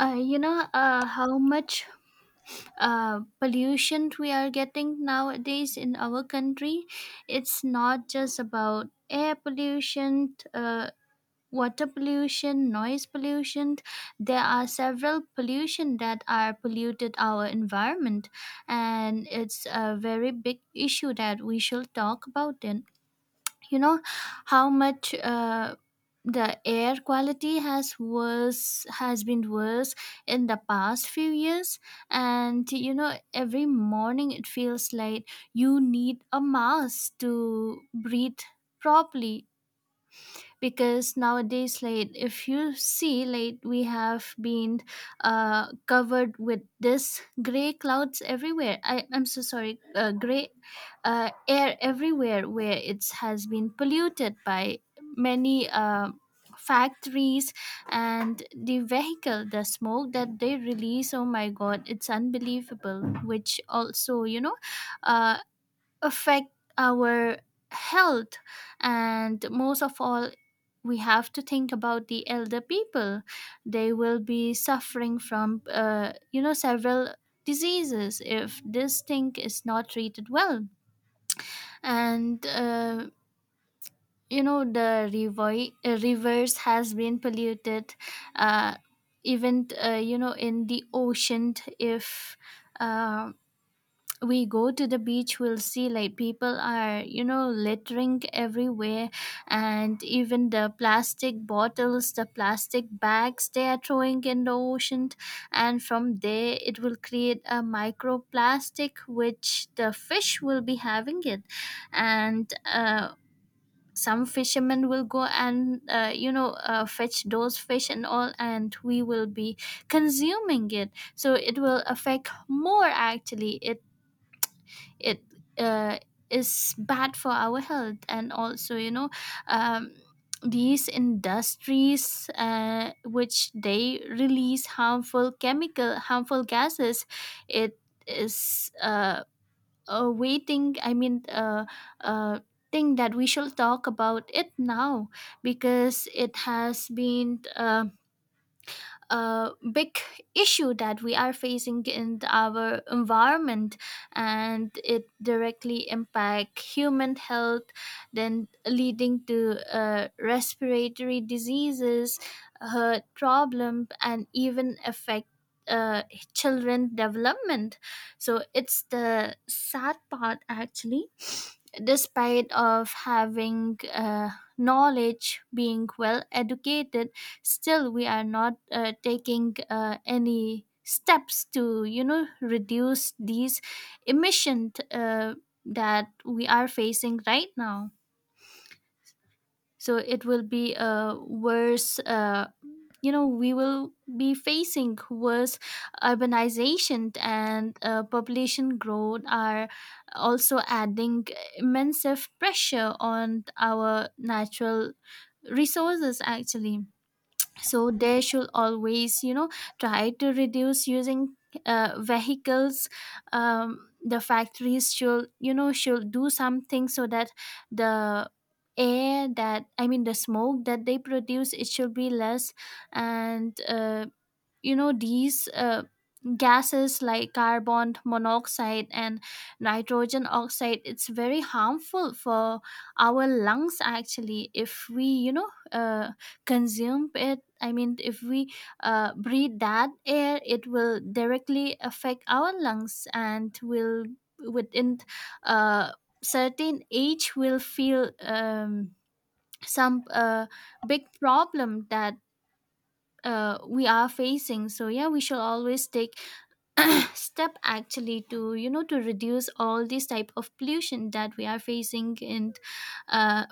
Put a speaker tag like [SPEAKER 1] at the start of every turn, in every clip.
[SPEAKER 1] How much pollution we are getting nowadays in our country. It's not just about air pollution, water pollution, noise pollution. There are several pollution that are polluted our environment, and it's a very big issue that we should talk about. It you know How much the air quality has been worse in the past few years, and you know every morning it feels like you need a mask to breathe properly, because nowadays, like, if you see, like, we have been covered with this gray clouds everywhere. I'm so sorry, gray air everywhere where it has been polluted by many factories and the smoke that they release. Oh my god, it's unbelievable, which also uh, affect our health. And most of all, we have to think about the elder people. They will be suffering from several diseases if this thing is not treated well. And the rivers has been polluted, uh, even, in the ocean, if um we go to the beach, we'll see like people are, you know, littering everywhere, and even the plastic bottles, the plastic bags, they are throwing in the ocean, and from there it will create a microplastic which the fish will be having it. And some fishermen will go and, fetch those fish and all, and we will be consuming it. So it will affect more, actually. It it uh, is bad for our health. And also, you know, um, these industries, which they release harmful chemical, harmful gases, it is a waiting I mean uh, thing that we shall talk about it now, because it has been a big issue that we are facing in our environment, and it directly impact human health, then leading to respiratory diseases, heart problem, and even affect uh, children development. So it's the sad part actually. Despite of having knowledge, being well educated, still we are not taking any steps to, you know, reduce these emissions that we are facing right now. So it will be a worse, we will be facing worse. Urbanization and population growth are also adding immense pressure on our natural resources, actually. So they should always, you know, try to reduce using vehicles. The factories should, you know, should do something so that the air that I mean the smoke that they produce, it should be less. And these gases like carbon monoxide and nitrogen oxide, it's very harmful for our lungs, actually. If we, consume it I mean if we breathe that air, it will directly affect our lungs, and will within a certain age will feel some big problem that we are facing. So yeah, we should always take step, actually, to, you know, to reduce all these type of pollution that we are facing in uh,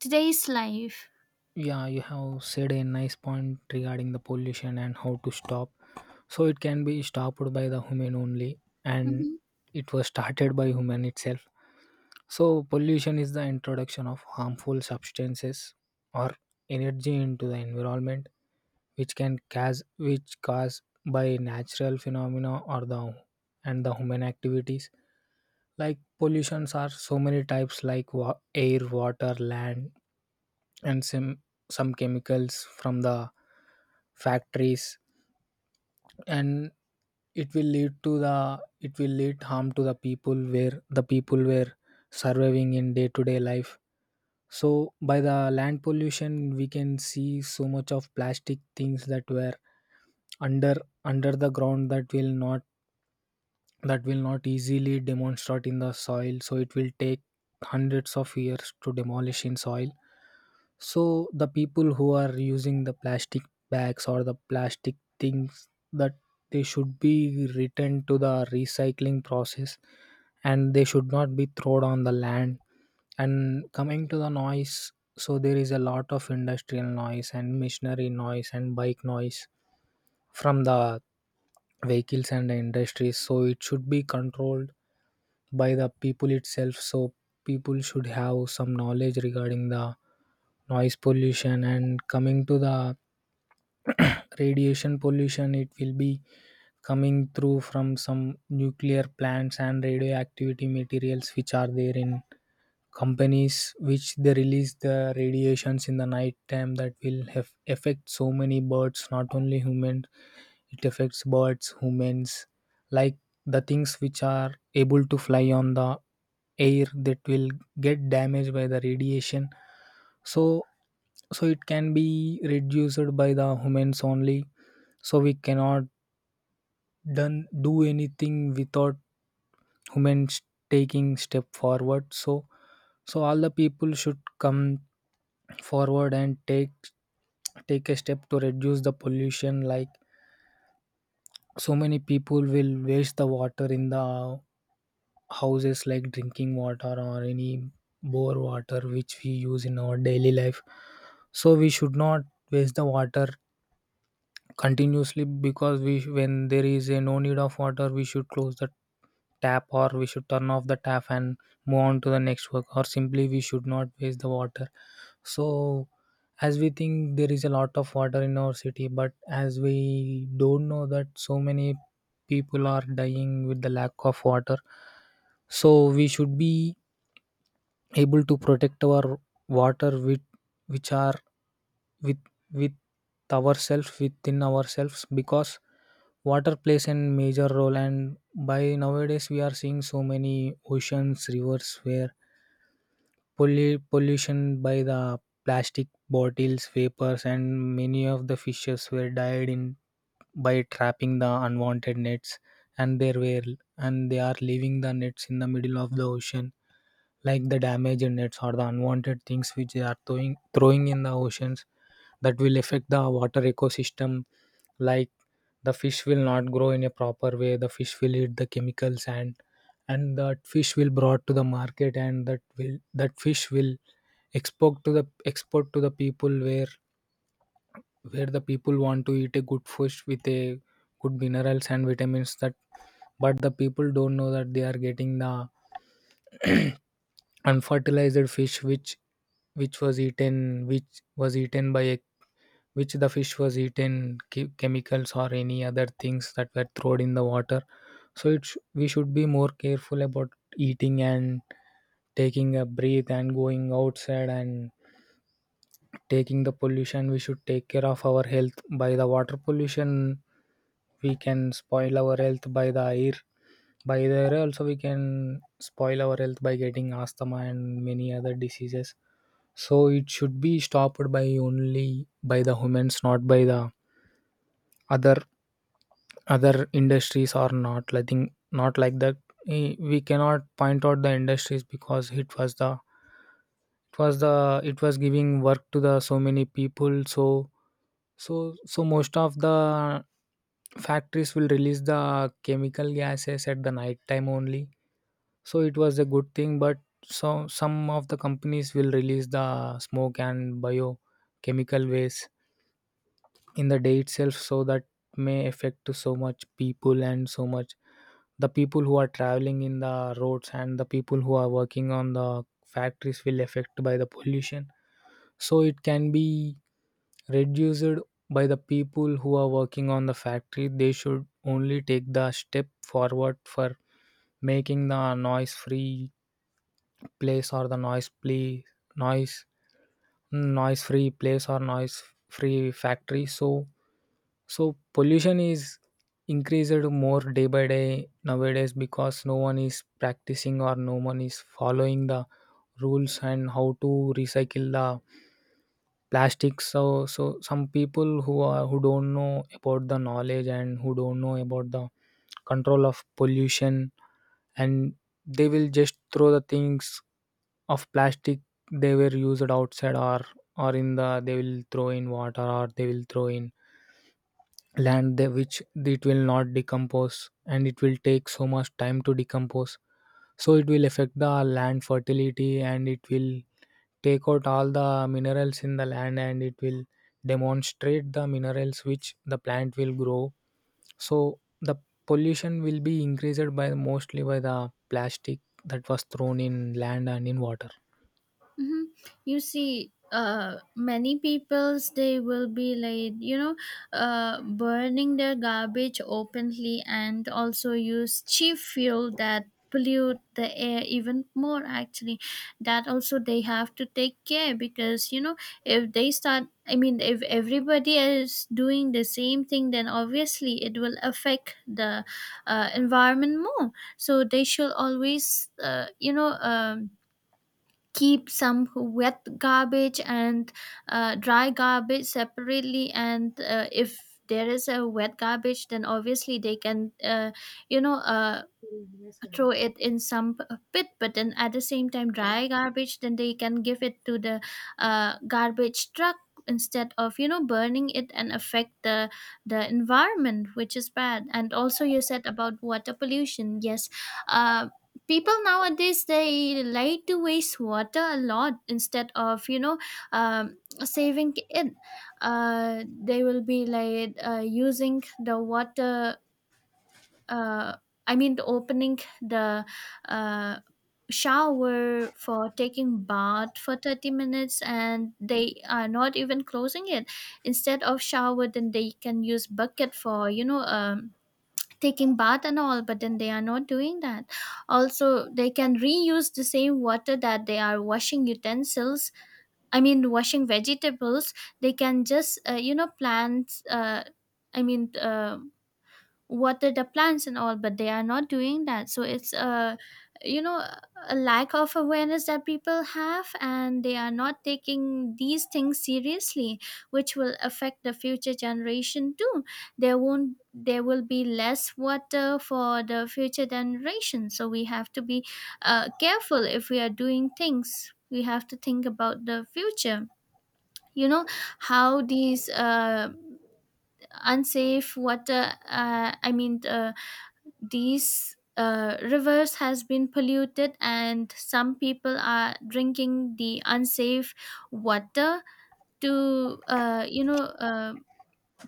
[SPEAKER 1] today's life.
[SPEAKER 2] Yeah, you have said a nice point regarding the pollution and how to stop. So it can be stopped by the human only, and
[SPEAKER 1] Mm-hmm.
[SPEAKER 2] it was started by human itself. So pollution is the introduction of harmful substances or energy into the environment, which cause by natural phenomena or the and the human activities. Like pollutions are so many types, like air, water, land, and some chemicals from the factories, and it will lead harm to the people where the people were surviving in day to day life. So by the land pollution we can see so much of plastic things that were under under the ground that will not easily demonstrate in the soil, so it will take hundreds of years to demolish in soil. So the people who are using the plastic bags or the plastic things, that they should be returned to the recycling process, and they should not be thrown on the land. And coming to the noise, so there is a lot of industrial noise and machinery noise and bike noise from the vehicles and the industries. So it should be controlled by the people itself. So people should have some knowledge regarding the noise pollution. And coming to the radiation pollution, it will be coming through from some nuclear plants and radioactivity materials which are there in companies, which they release the radiations in the night time that will have affect so many birds, not only humans. It affects birds, humans, like the things which are able to fly on the air that will get damaged by the radiation. So it can be reduced by the humans only. So we cannot done do anything without humans taking step forward. So all the people should come forward and take a step to reduce the pollution. Like so many people will waste the water in the houses, like drinking water or any bore water which we use in our daily life. So we should not waste the water continuously, because we when there is a no need of water we should close the tap, or we should turn off the tap and move on to the next work, or simply we should not waste the water. So as we think there is a lot of water in our city, but as we don't know that so many people are dying with the lack of water. So we should be able to protect our water with which are with ourselves within ourselves, because water plays a major role. And by nowadays we are seeing so many oceans, rivers, where pollution by the plastic bottles, vapors, and many of the fishes were died in by trapping the unwanted nets. And they were and they are leaving the nets in the middle of the ocean, like the damage in nets or the unwanted things which they are throwing in the oceans that will affect the water ecosystem. Like the fish will not grow in a proper way, the fish will eat the chemicals, and that fish will brought to the market, and that fish will export to the export to the people where the people want to eat a good fish with a good minerals and vitamins, that but the people don't know that they are getting the unfertilized fish, which was eaten which was eaten by a which the fish was eaten chemicals or any other things that were thrown in the water. So we should be more careful about eating, and taking a breath, and going outside, and taking the pollution. We should take care of our health. By the water pollution we can spoil our health, by the air, also we can spoil our health by getting asthma and many other diseases. So it should be stopped by only by the humans, not by the other other industries are not letting, not like that. We cannot point out the industries because it was giving work to the so many people. So most of the factories will release the chemical gases at the night time only, so it was a good thing. But so some of the companies will release the smoke and biochemical waste in the day itself, so that may affect to so much people and so much, the people who are traveling in the roads and the people who are working on the factories will affect by the pollution. So it can be reduced by the people who are working on the factory. They should only take the step forward for making the noise free place, or the noise noise free place or noise free factory. So pollution is increased more day by day nowadays, because no one is practicing or no one is following the rules and how to recycle the plastics. So some people who don't know about the knowledge and who don't know about the control of pollution, and they will just throw the things of plastic they were used outside, or in the they will throw in water, or they will throw in land there, which it will not decompose and it will take so much time to decompose. So it will affect the land fertility, and it will take out all the minerals in the land, and it will demonstrate the minerals which the plant will grow. So the pollution will be increased by, mostly by the plastic that was thrown in land and in water.
[SPEAKER 1] Hmm. You see, many peoples, they will be like, you know, burning their garbage openly, and also use cheap fuel that pollute the air even more, actually. That also they have to take care, because you know, if they start I mean if everybody is doing the same thing, then obviously it will affect the environment more. So they should always, keep some wet garbage and dry garbage separately. And if there is a wet garbage, then obviously they can, you know uh, throw it in some pit, but then at the same time, dry garbage, then they can give it to the garbage truck instead of, you know, burning it and affect the environment, which is bad. And also you said about water pollution, yes. uh, People nowadays, they like to waste water a lot, instead of, you know, um, saving it. They will be like, using the water, uh, I mean, the opening the uh, shower for taking bath for 30 minutes, and they are not even closing it. Instead of shower, then they can use bucket for, you know, taking bath and all, but then they are not doing that. Also, they can reuse the same water that they are washing utensils. I mean, washing vegetables. They can just, you know, I mean, uh, water the plants and all, but they are not doing that. So it's a, you know, a lack of awareness that people have, and they are not taking these things seriously, which will affect the future generation too. There won't There will be less water for the future generation, so we have to be careful. If we are doing things, we have to think about the future, you know, how these unsafe water, these rivers has been polluted, and some people are drinking the unsafe water to,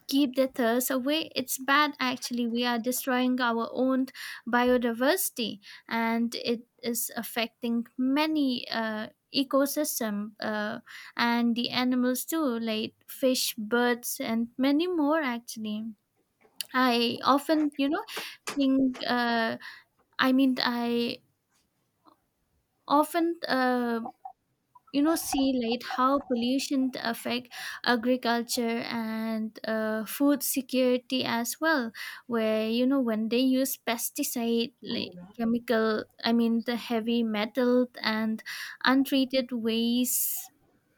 [SPEAKER 1] keep their thirst away. It's bad, actually. We are destroying our own biodiversity, and it is affecting many ecosystem, and the animals too, like fish, birds, and many more, actually. I often, you know, think, I often, see like how pollution affect agriculture and food security as well, where, you know, when they use pesticide, like chemical, I mean the heavy metal and untreated waste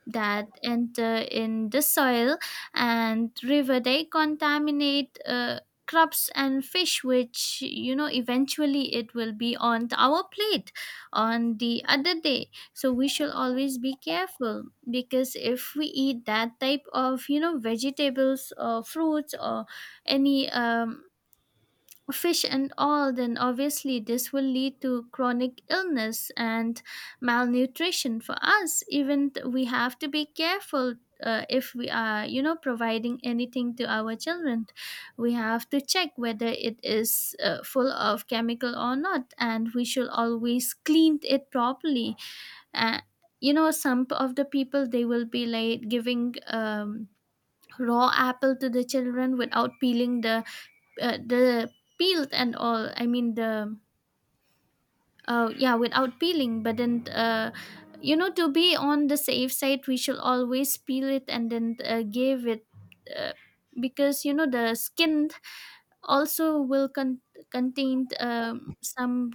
[SPEAKER 1] that enter in the soil and river, they contaminate crops and fish, which, you know, eventually it will be on our plate on the other day. So we shall always be careful, because if we eat that type of, you know, vegetables or fruits or any fish and all, then obviously this will lead to chronic illness and malnutrition for us. Even we have to be careful, if we are, you know, providing anything to our children. We have to check whether it is full of chemical or not, and we should always clean it properly. Uh, you know, some of the people they will be like giving. Raw apple to the children without peeling the uh, the peeled and all, I mean the yeah, without peeling. But then, you know, to be on the safe side, we should always peel it and then give it, uh, because you know the skin also will contain some,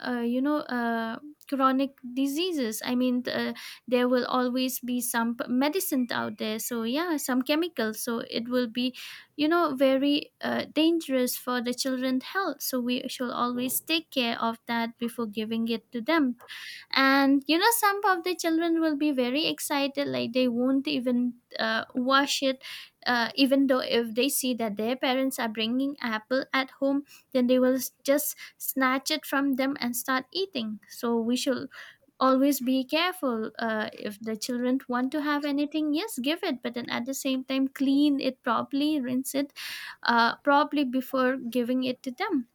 [SPEAKER 1] uh, you know uh, chronic diseases, there will always be some medicine out there, so yeah, some chemicals. So it will be, you know, very dangerous for the children's health, so we should always take care of that before giving it to them. And you know, some of the children will be very excited, like they won't even wash it, even though if they see that their parents are bringing apple at home, then they will just snatch it from them and start eating. So we should always be careful. If the children want to have anything, yes, give it, but then at the same time, clean it properly, rinse it properly before giving it to them.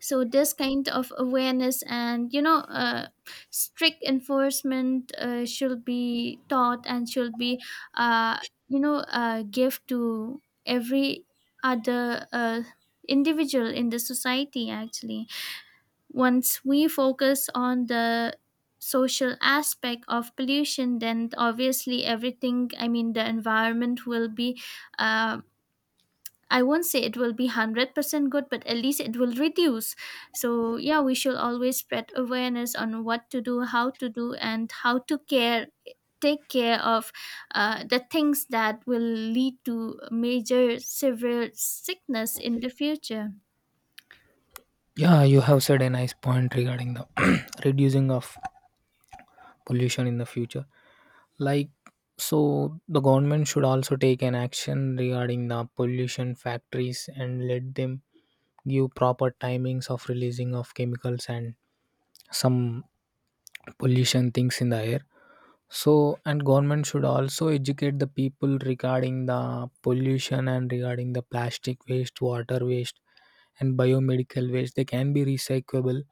[SPEAKER 1] So this kind of awareness and, strict enforcement should be taught, and should be uh, give to every other individual in the society, actually. Once we focus on the social aspect of pollution, then obviously everything, I mean, the environment will be. Uh, I won't say it will be 100% good, but at least it will reduce. So, yeah, we should always spread awareness on what to do, how to do, and how to care, take care of the things that will lead to major severe sickness in the future.
[SPEAKER 2] Yeah, you have said a nice point regarding the reducing of pollution in the future, like so the government should also take an action regarding the pollution factories and let them give proper timings of releasing of chemicals and some pollution things in the air. So and government should also educate the people regarding the pollution and regarding the plastic waste, water waste, and biomedical waste, they can be recyclable,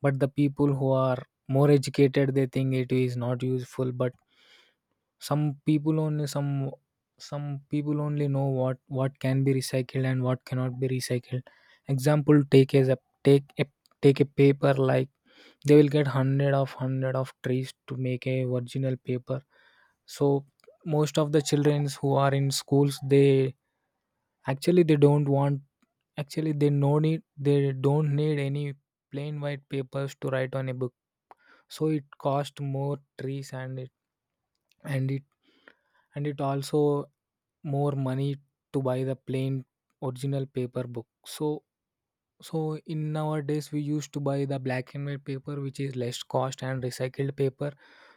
[SPEAKER 2] but the people who are more educated they think it is not useful. But Some people only some some people only know what can be recycled and what cannot be recycled. Example, take as a take a take a paper, like they will get hundred of trees to make a original paper. So most of the children who are in schools, they actually they don't want actually they no need they don't need any plain white papers to write on a book. So it cost more trees, and and it it also more money to buy the plain original paper book. So in nowadays we used to buy the black and white paper, which is less cost and recycled paper.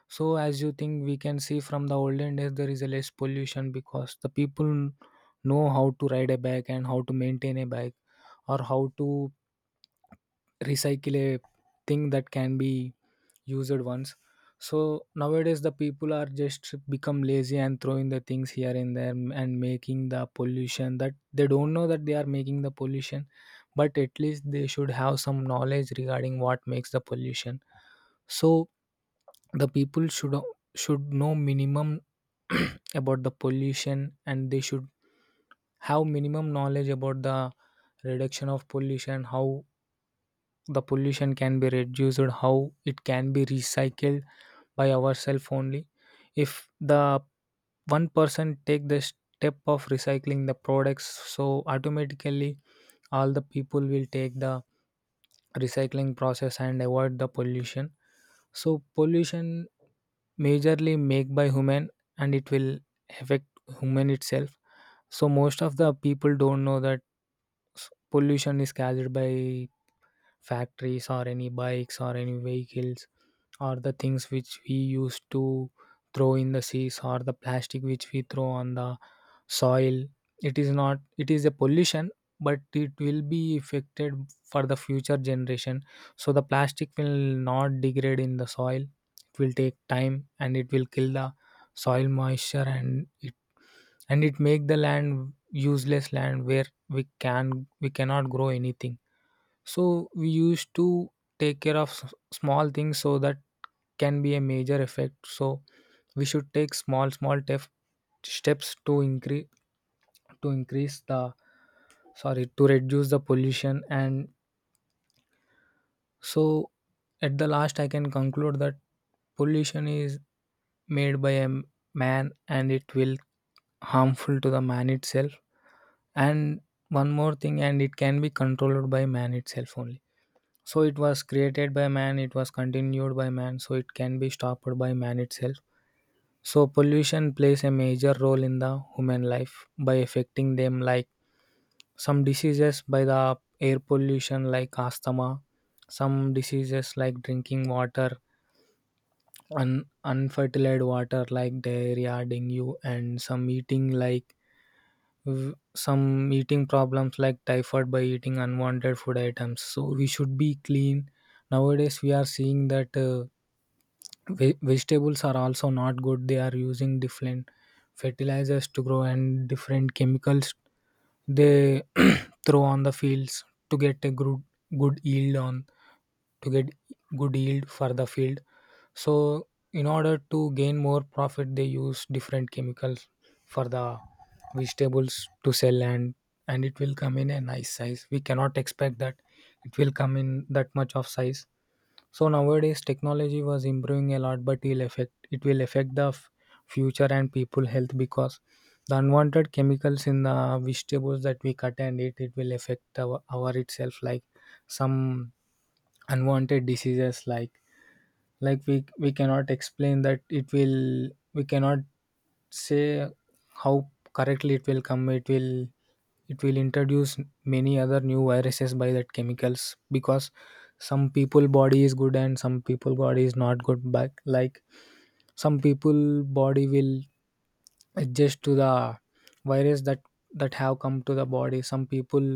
[SPEAKER 2] So as you think, we can see from the olden days there is a less pollution because the people know how to ride a bike and how to maintain a bike, or how to recycle a thing that can be used ones. So nowadays the people are just become lazy and throwing the things here and there and making the pollution, that they don't know that they are making the pollution, but at least they should have some knowledge regarding what makes the pollution. So the people should know minimum about the pollution, and they should have minimum knowledge about the reduction of pollution, how the pollution can be reduced, how it can be recycled by ourselves only. If the one person take the step of recycling the products, so automatically all the people will take the recycling process and avoid the pollution. So pollution majorly made by human, and it will affect human itself. So most of the people don't know that s- pollution is caused by factories or any bikes or any vehicles, or the things which we used to throw in the seas, or the plastic which we throw on the soil. It is not. It is a pollution, but it will be affected for the future generation. So the plastic will not degrade in the soil, it will take time and it will kill the soil moisture, and it make the land useless land where we cannot grow anything. So we used to take care of small things, so that can be a major effect. So we should take small small steps to increase the to reduce the pollution. And so, at the last I can conclude that pollution is made by a man, and it will harmful to the man itself. And one more thing, and it can be controlled by man itself only. So it was created by man, it was continued by man, so it can be stopped by man itself. So pollution plays a major role in the human life by affecting them like some diseases by the air pollution like asthma, some diseases like drinking water, unfertilized water like diarrhea, dengue, and some eating like some eating problems like typhoid by eating unwanted food items, so we should be clean. Nowadays we are seeing that vegetables are also not good. They are using different fertilizers to grow and different chemicals they throw on the fields to get a good yield on, to get good yield for the field. So in order to gain more profit they use different chemicals for the vegetables to sell, and it will come in a nice size. We cannot expect that it will come in that much of size. So nowadays technology was improving a lot, but it will affect the future and people health, because the unwanted chemicals in the vegetables that we cut and eat, it will affect our itself like some unwanted diseases, like we cannot explain that, it will, we cannot say how correctly it will come, it will, it will introduce many other new viruses by that chemicals. Because some people body is good and some people body is not good, but like some people body will adjust to the virus that have come to the body. Some people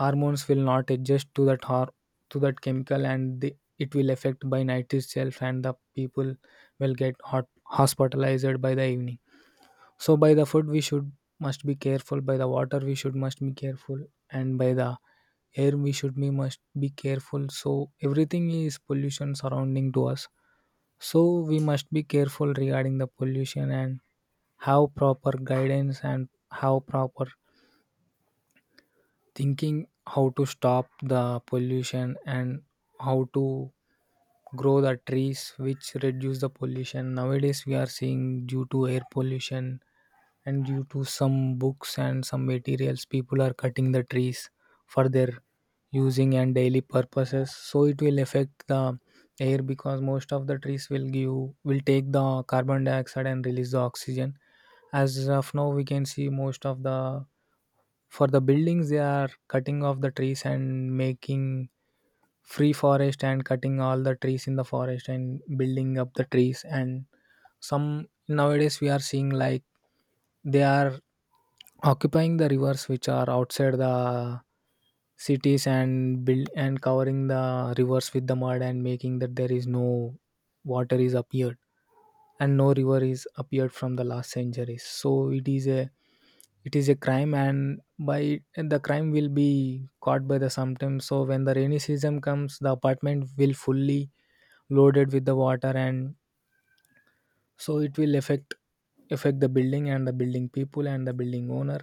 [SPEAKER 2] hormones will not adjust to that to that chemical, and the, it will affect by night itself, and the people will get hot hospitalized by the evening. So by the food we should must be careful. By the water we should must be careful, and by the air we should be must be careful. So everything is pollution surrounding to us. So we must be careful regarding the pollution, and have proper guidance, and have proper thinking how to stop the pollution and how to grow the trees which reduce the pollution. Nowadays we are seeing, due to air pollution and due to some books and some materials, people are cutting the trees for their using and daily purposes, so it will affect the air, because most of the trees will give will take the carbon dioxide and release the oxygen. As of now we can see, most of the, for the buildings, they are cutting off the trees and making free forest, and cutting all the trees in the forest and building up the trees. And some, nowadays we are seeing like they are occupying the rivers which are outside the cities, and build and covering the rivers with the mud, and making that there is no water is appeared and no river is appeared from the last centuries. So it is a crime, and by, and the crime will be caught by the sometime. So when the rainy season comes, the apartment will fully loaded with the water, and so it will affect the building and the building people and the building owner.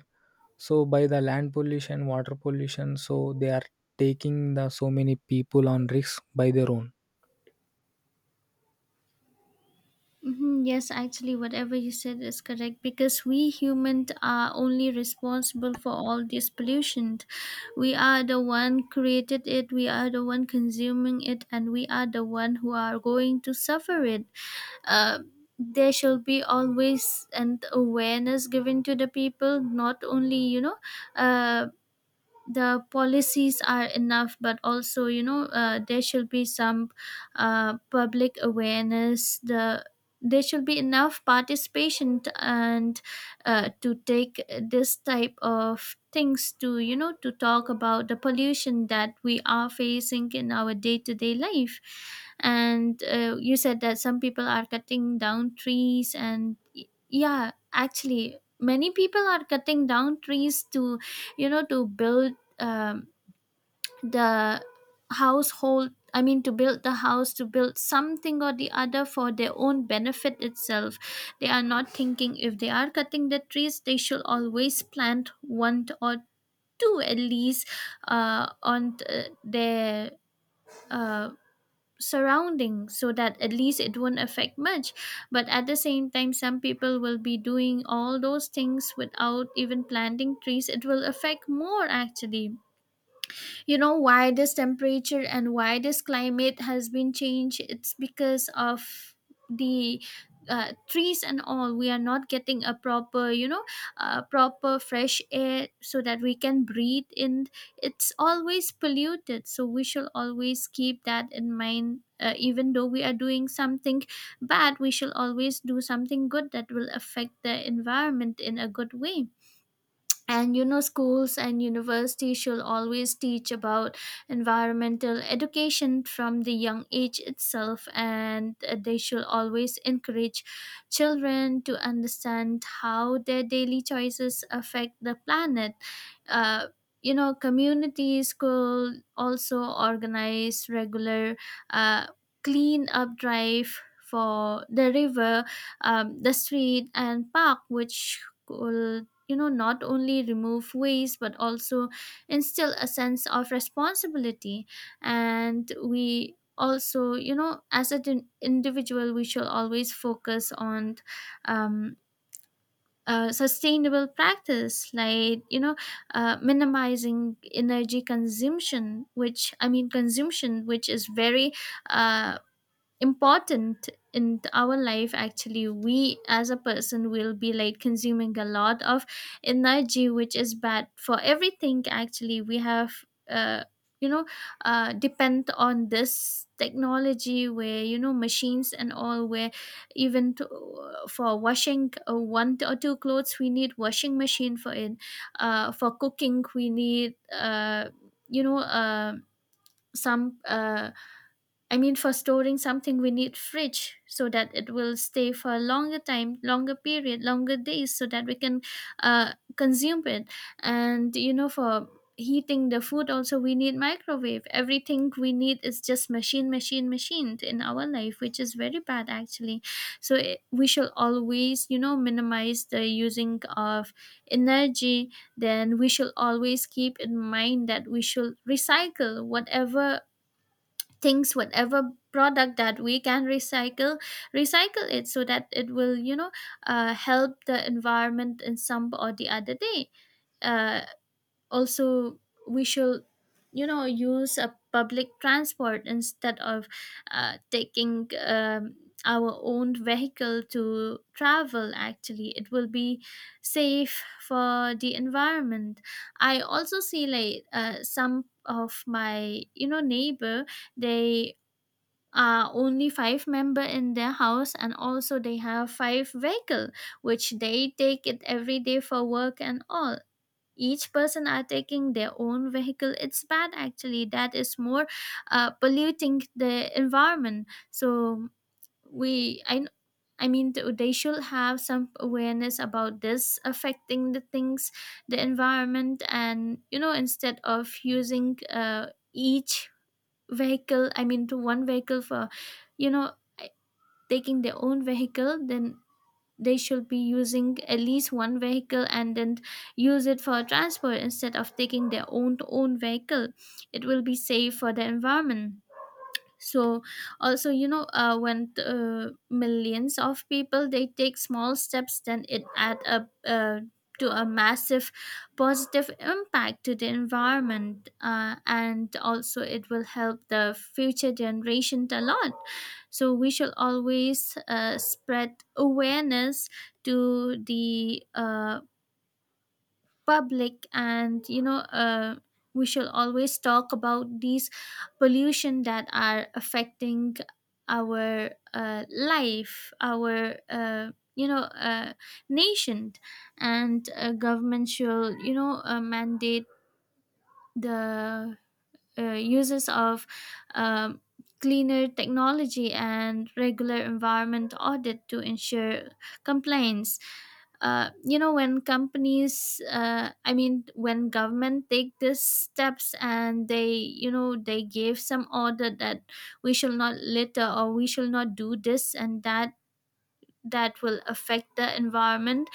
[SPEAKER 2] So by the land pollution, water pollution, so they are taking the so many people on risks by their own.
[SPEAKER 1] Mhm. Yes, actually, whatever you said is correct, because we humans are only responsible for all this pollution. We are the one created it, we are the one consuming it, and we are the one who are going to suffer it. Uh, there should be always an awareness given to the people, not only uh, the policies are enough, but also there should be some public awareness. There should be enough participation t- and to take this type of things to, you know, to talk about the pollution that we are facing in our day-to-day life. And you said that some people are cutting down trees and yeah, actually many people are cutting down trees to, you know, to build um, the household. I mean to build the house, to build something or the other for their own benefit itself. They are not thinking, if they are cutting the trees they should always plant one or two at least on their uh, surrounding, so that at least it won't affect much. But at the same time, some people will be doing all those things without even planting trees, it will affect more actually. You know, why this temperature and why this climate has been changed, it's because of the trees and all. We are not getting a proper, you know, proper fresh air so that we can breathe in. It's always polluted, so we shall always keep that in mind. Even though we are doing something bad, we shall always do something good that will affect the environment in a good way. And you know, schools and universities should always teach about environmental education from the young age itself, and they should always encourage children to understand how their daily choices affect the planet. uh, you know, communities could also organize regular uh, clean up drive for the river, the street and park, which could, you know, not only remove waste but also instill a sense of responsibility. And we also, you know, as an individual we shall always focus on um, sustainable practice, like you know, minimizing energy consumption, which I mean consumption, which is very uh, important in our life actually. We, as a person, will be like consuming a lot of energy, which is bad for everything actually. We have uh, you know depend on this technology, where you know, machines and all, where even to, for washing one or two clothes, we need washing machine for it. For cooking we need, you know some I mean, for storing something, we need fridge so that it will stay for a longer time, longer period, longer days, so that we can consume it. And you know, for heating the food, also we need microwave. Everything we need is just machine, machine, machined in our life, which is very bad actually. So we shall always, you know, minimize the using of energy. Then we should always keep in mind that we should recycle whatever things, whatever product that we can recycle, recycle it, so that it will, you know, help the environment in some or the other day. uh, Also we should, you know, use a public transport instead of taking our own vehicle to travel. Actually it will be safe for the environment. I also see like, some of my, you know, neighbor, they are only five member in their house, and also they have five vehicle, which they take it every day for work and all. Each person are taking their own vehicle, it's bad actually. That is more polluting the environment. So we I kn- I mean th- they should have some awareness about this affecting the things, the environment. And you know, instead of using each vehicle, I mean to one vehicle for, you know, taking their own vehicle, then they should be using at least one vehicle and then use it for transport, instead of taking their own vehicle. It will be safe for the environment. So also you know, when millions of people they take small steps, then it add up to a massive positive impact to the environment. And also it will help the future generation a lot. So we should always spread awareness to the public. And we shall always talk about these pollution that are affecting our life, our, nation. And government should, mandate the uses of um, cleaner technology and regular environment audit to ensure compliance. You know, when companies I mean when government take these steps, and they, you know, they gave some order that we shall not litter, or we shall not do this and that, that will affect the environment,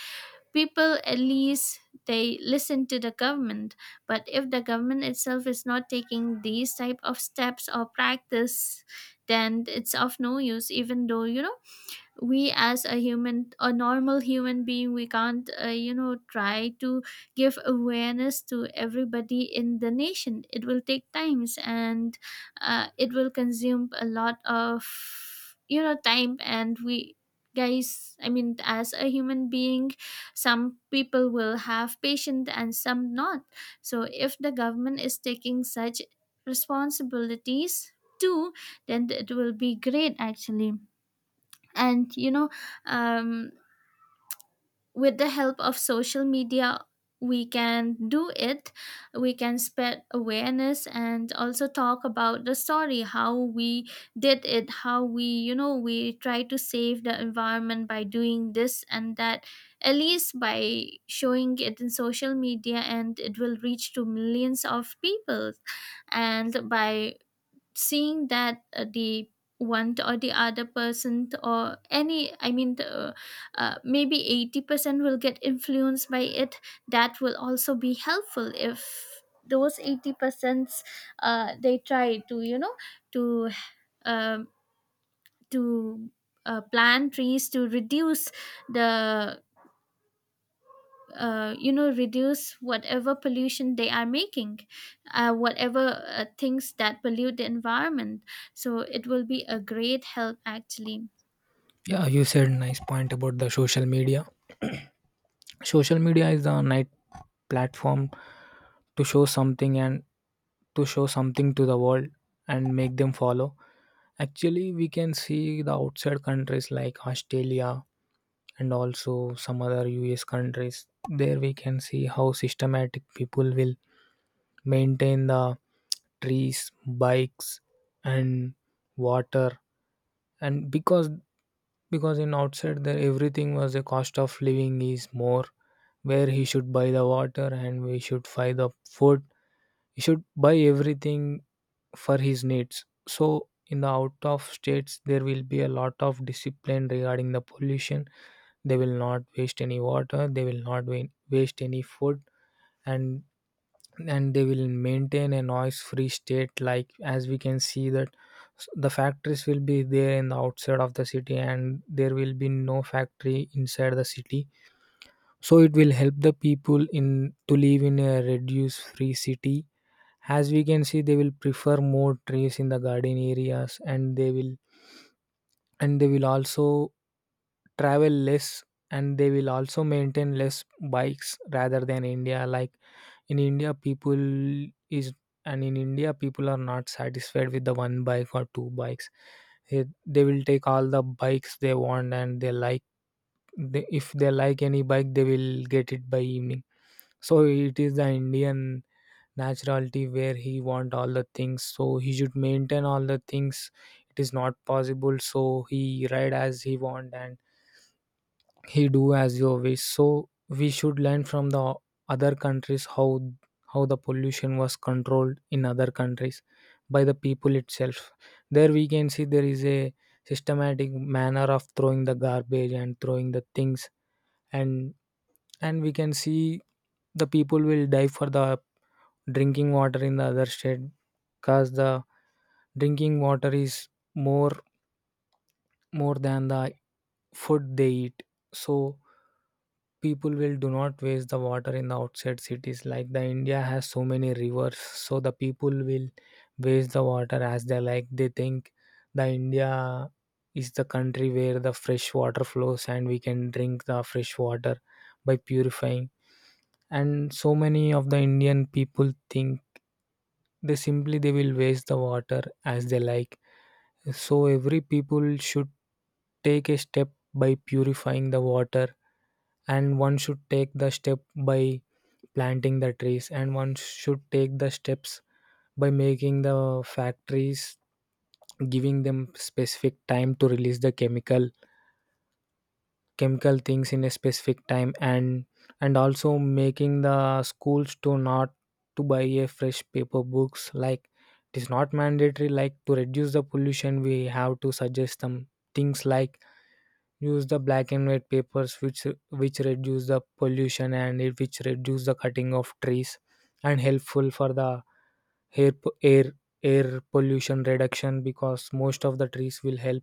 [SPEAKER 1] people at least they listen to the government. But if the government itself is not taking these type of steps or practice, then it's of no use. Even though you know, we as a human, a normal human being, we can't, you know, try to give awareness to everybody in the nation, it will take times, and it will consume a lot of, you know, time. And we guys, I mean as a human being, some people will have patience and some not. So if the government is taking such responsibilities too, then it will be great actually. And you know, um, with the help of social media, we can do it. We can spread awareness and also talk about the story, how we did it, how we, you know, we try to save the environment by doing this and that. At least by showing it in social media, and it will reach to millions of people. And by seeing that, the one or the other person, or any, I mean maybe 80% will get influenced by it. That will also be helpful, if those 80% they try to, you know, to um to plant trees to reduce the, reduce whatever pollution they are making, whatever things that pollute the environment. So it will be a great help actually.
[SPEAKER 2] Yeah, you said nice point about the social media. Social media is a night platform to show something and to show something to the world and make them follow. Actually, we can see the outside countries like Australia and also some other US countries. There we can see how systematic people will maintain the trees, bikes and water. And because in outside there, everything was, the cost of living is more, where he should buy the water and we should buy the food. He should buy everything for his needs. So in the out of states there will be a lot of discipline regarding the pollution. They will not waste any water. They will not waste any food, and and they will maintain a noise free state. Like, as we can see that the factories will be there in the outside of the city and there will be no factory inside the city, so it will help the people in to live in a reduce free city. As we can see, they will prefer more trees in the garden areas, and they will also travel less, and they will also maintain less bikes rather than India. Like in india people is, and in india people are not satisfied with the one bike or two bikes. Eh, they will take all the bikes they want, and they like, they, if they like any bike they will get it by evening. So it is the indian naturality where he want all the things, so he should maintain all the things. It is not possible, so he ride as he want, and he do as you wish. So we should learn from the other countries how the pollution was controlled in other countries by the people itself. There we can see there is a systematic manner of throwing the garbage and throwing the things, and and we can see the people will die for the drinking water in the other state, because the drinking water is more more than the food they eat. So people will do not waste the water in the outside cities. Like the india has so many rivers, so the people will waste the water as they like. They think the india is the country where the fresh water flows and we can drink the fresh water by purifying. And so many of the indian people think, they simply they will waste the water as they like. So every people should take a step by purifying the water, and one should take the step by planting the trees, and one should take the steps by making the factories, giving them specific time to release the chemical things in a specific time. And also making the schools to not to buy a fresh paper books. Like it is not mandatory, like to reduce the pollution we have to suggest them things like use the black and white papers, which reduce the pollution, and it which reduce the cutting of trees, and helpful for the air air air pollution reduction, because most of the trees will help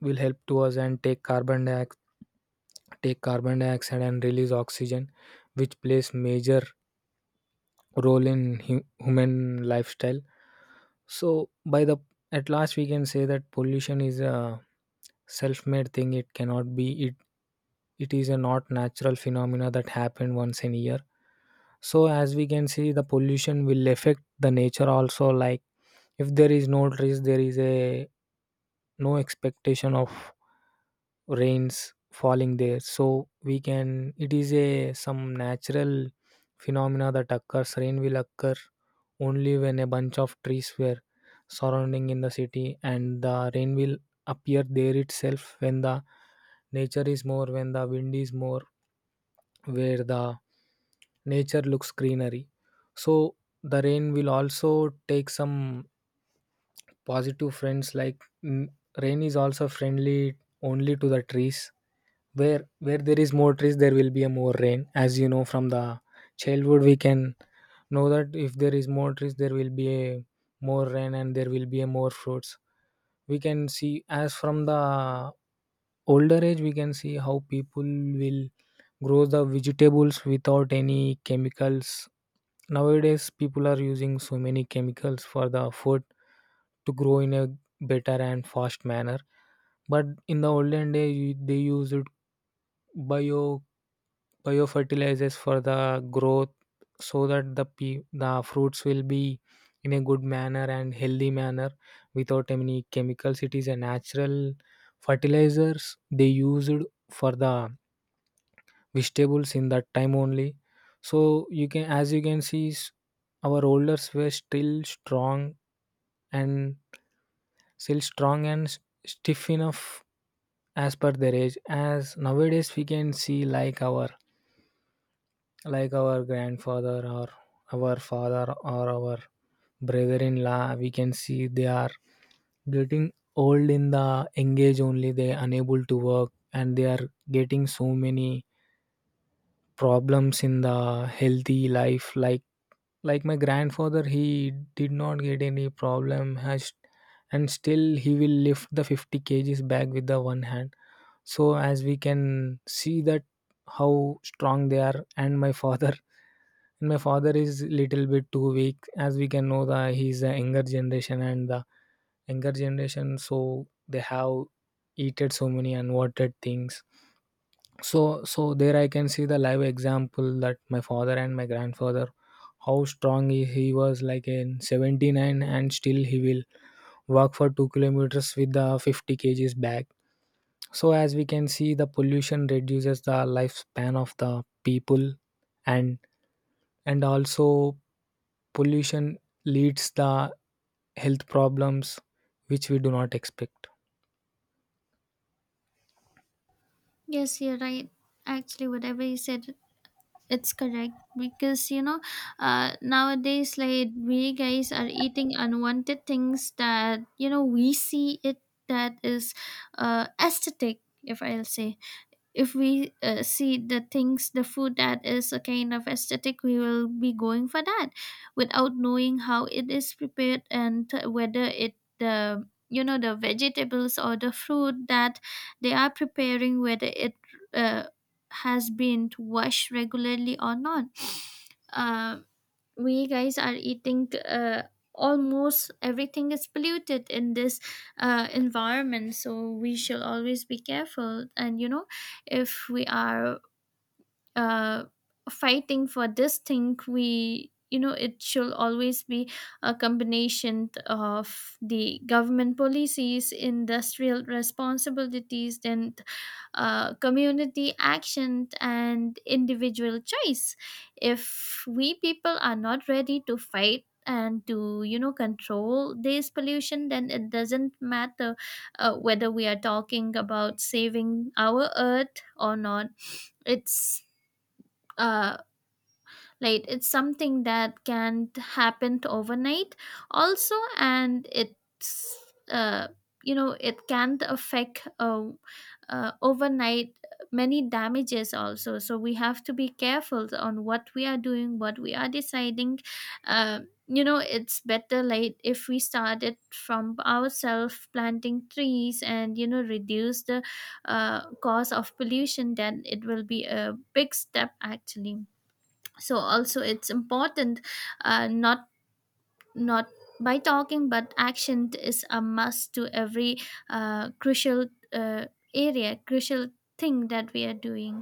[SPEAKER 2] to us and take carbon dioxide and release oxygen, which plays major role in human lifestyle. So by the, at last we can say that pollution is a self-made thing. It cannot be it. Is a not natural phenomena that happened once in a year. So as we can see, the pollution will affect the nature also, like if there is no trees there is a no expectation of rains falling there. So we can, it is a some natural phenomena that occurs. Rain will occur only when a bunch of trees were surrounding in the city, and the rain will appear there itself, when the nature is more, when the wind is more, where the nature looks greenery. So the rain will also take some positive friends like rain is also friendly only to the trees, where there is more trees there will be a more rain. As you know, from the childhood we can know that if there is more trees there will be a more rain, and there will be a more fruits. We can see as from the older age we can see how people will grow the vegetables without any chemicals. Nowadays people are using so many chemicals for the food to grow in a better and fast manner, but in the olden day they used bio biofertilizers for the growth, so that the the fruits will be in a good manner and healthy manner without any chemicals. It is a natural fertilizers they used for the vegetables in that time only. So you can, as you can see, our elders were still strong, and still strong and s- stiff enough as per their age. As nowadays we can see, like our grandfather, or our father, or our brother-in-law, we can see they are getting old in the engage only, they unable to work, and they are getting so many problems in the healthy life. Like my grandfather, he did not get any problem has, and still he will lift the 50 kgs bag with the one hand. So as we can see that how strong they are. And my father, and my father is little bit too weak, as we can know that he's a younger generation, and the younger generation, so they have eaten so many unwanted things. So, there I can see the live example that my father and my grandfather, how strong he was, like in 79, and still he will walk for 2 kilometers with the 50 kgs bag. So, as we can see, the pollution reduces the lifespan of the people, and and also pollution leads the health problems which we do not expect.
[SPEAKER 1] Yes, you're right. Actually whatever you said, it's correct. Because you know, nowadays like we guys are eating unwanted things, that you know, we see it, that is aesthetic, if I'll say. If we see the things, the food that is a kind of aesthetic, we will be going for that, without knowing how it is prepared, and whether it, the you know, the vegetables or the fruit that they are preparing, whether it uh, has been washed regularly or not. uh, we guys are eating, almost everything is polluted in this environment. So we shall always be careful. And you know, if we are uh, fighting for this thing, we, you know, it should always be a combination of the government policies, industrial responsibilities, then community action and individual choice. If we people are not ready to fight and to, you know, control this pollution, then it doesn't matter whether we are talking about saving our earth or not. It's uh like it's something that can't happen overnight also. And it's, uh it can't affect overnight many damages also. So we have to be careful on what we are doing, what we are deciding. uh, you know, it's better like if we started from ourselves, planting trees and you know, reduce the cause of pollution, then it will be a big step actually. So also it's important, not not by talking, but action is a must to every crucial uh, area crucial thing that we are doing.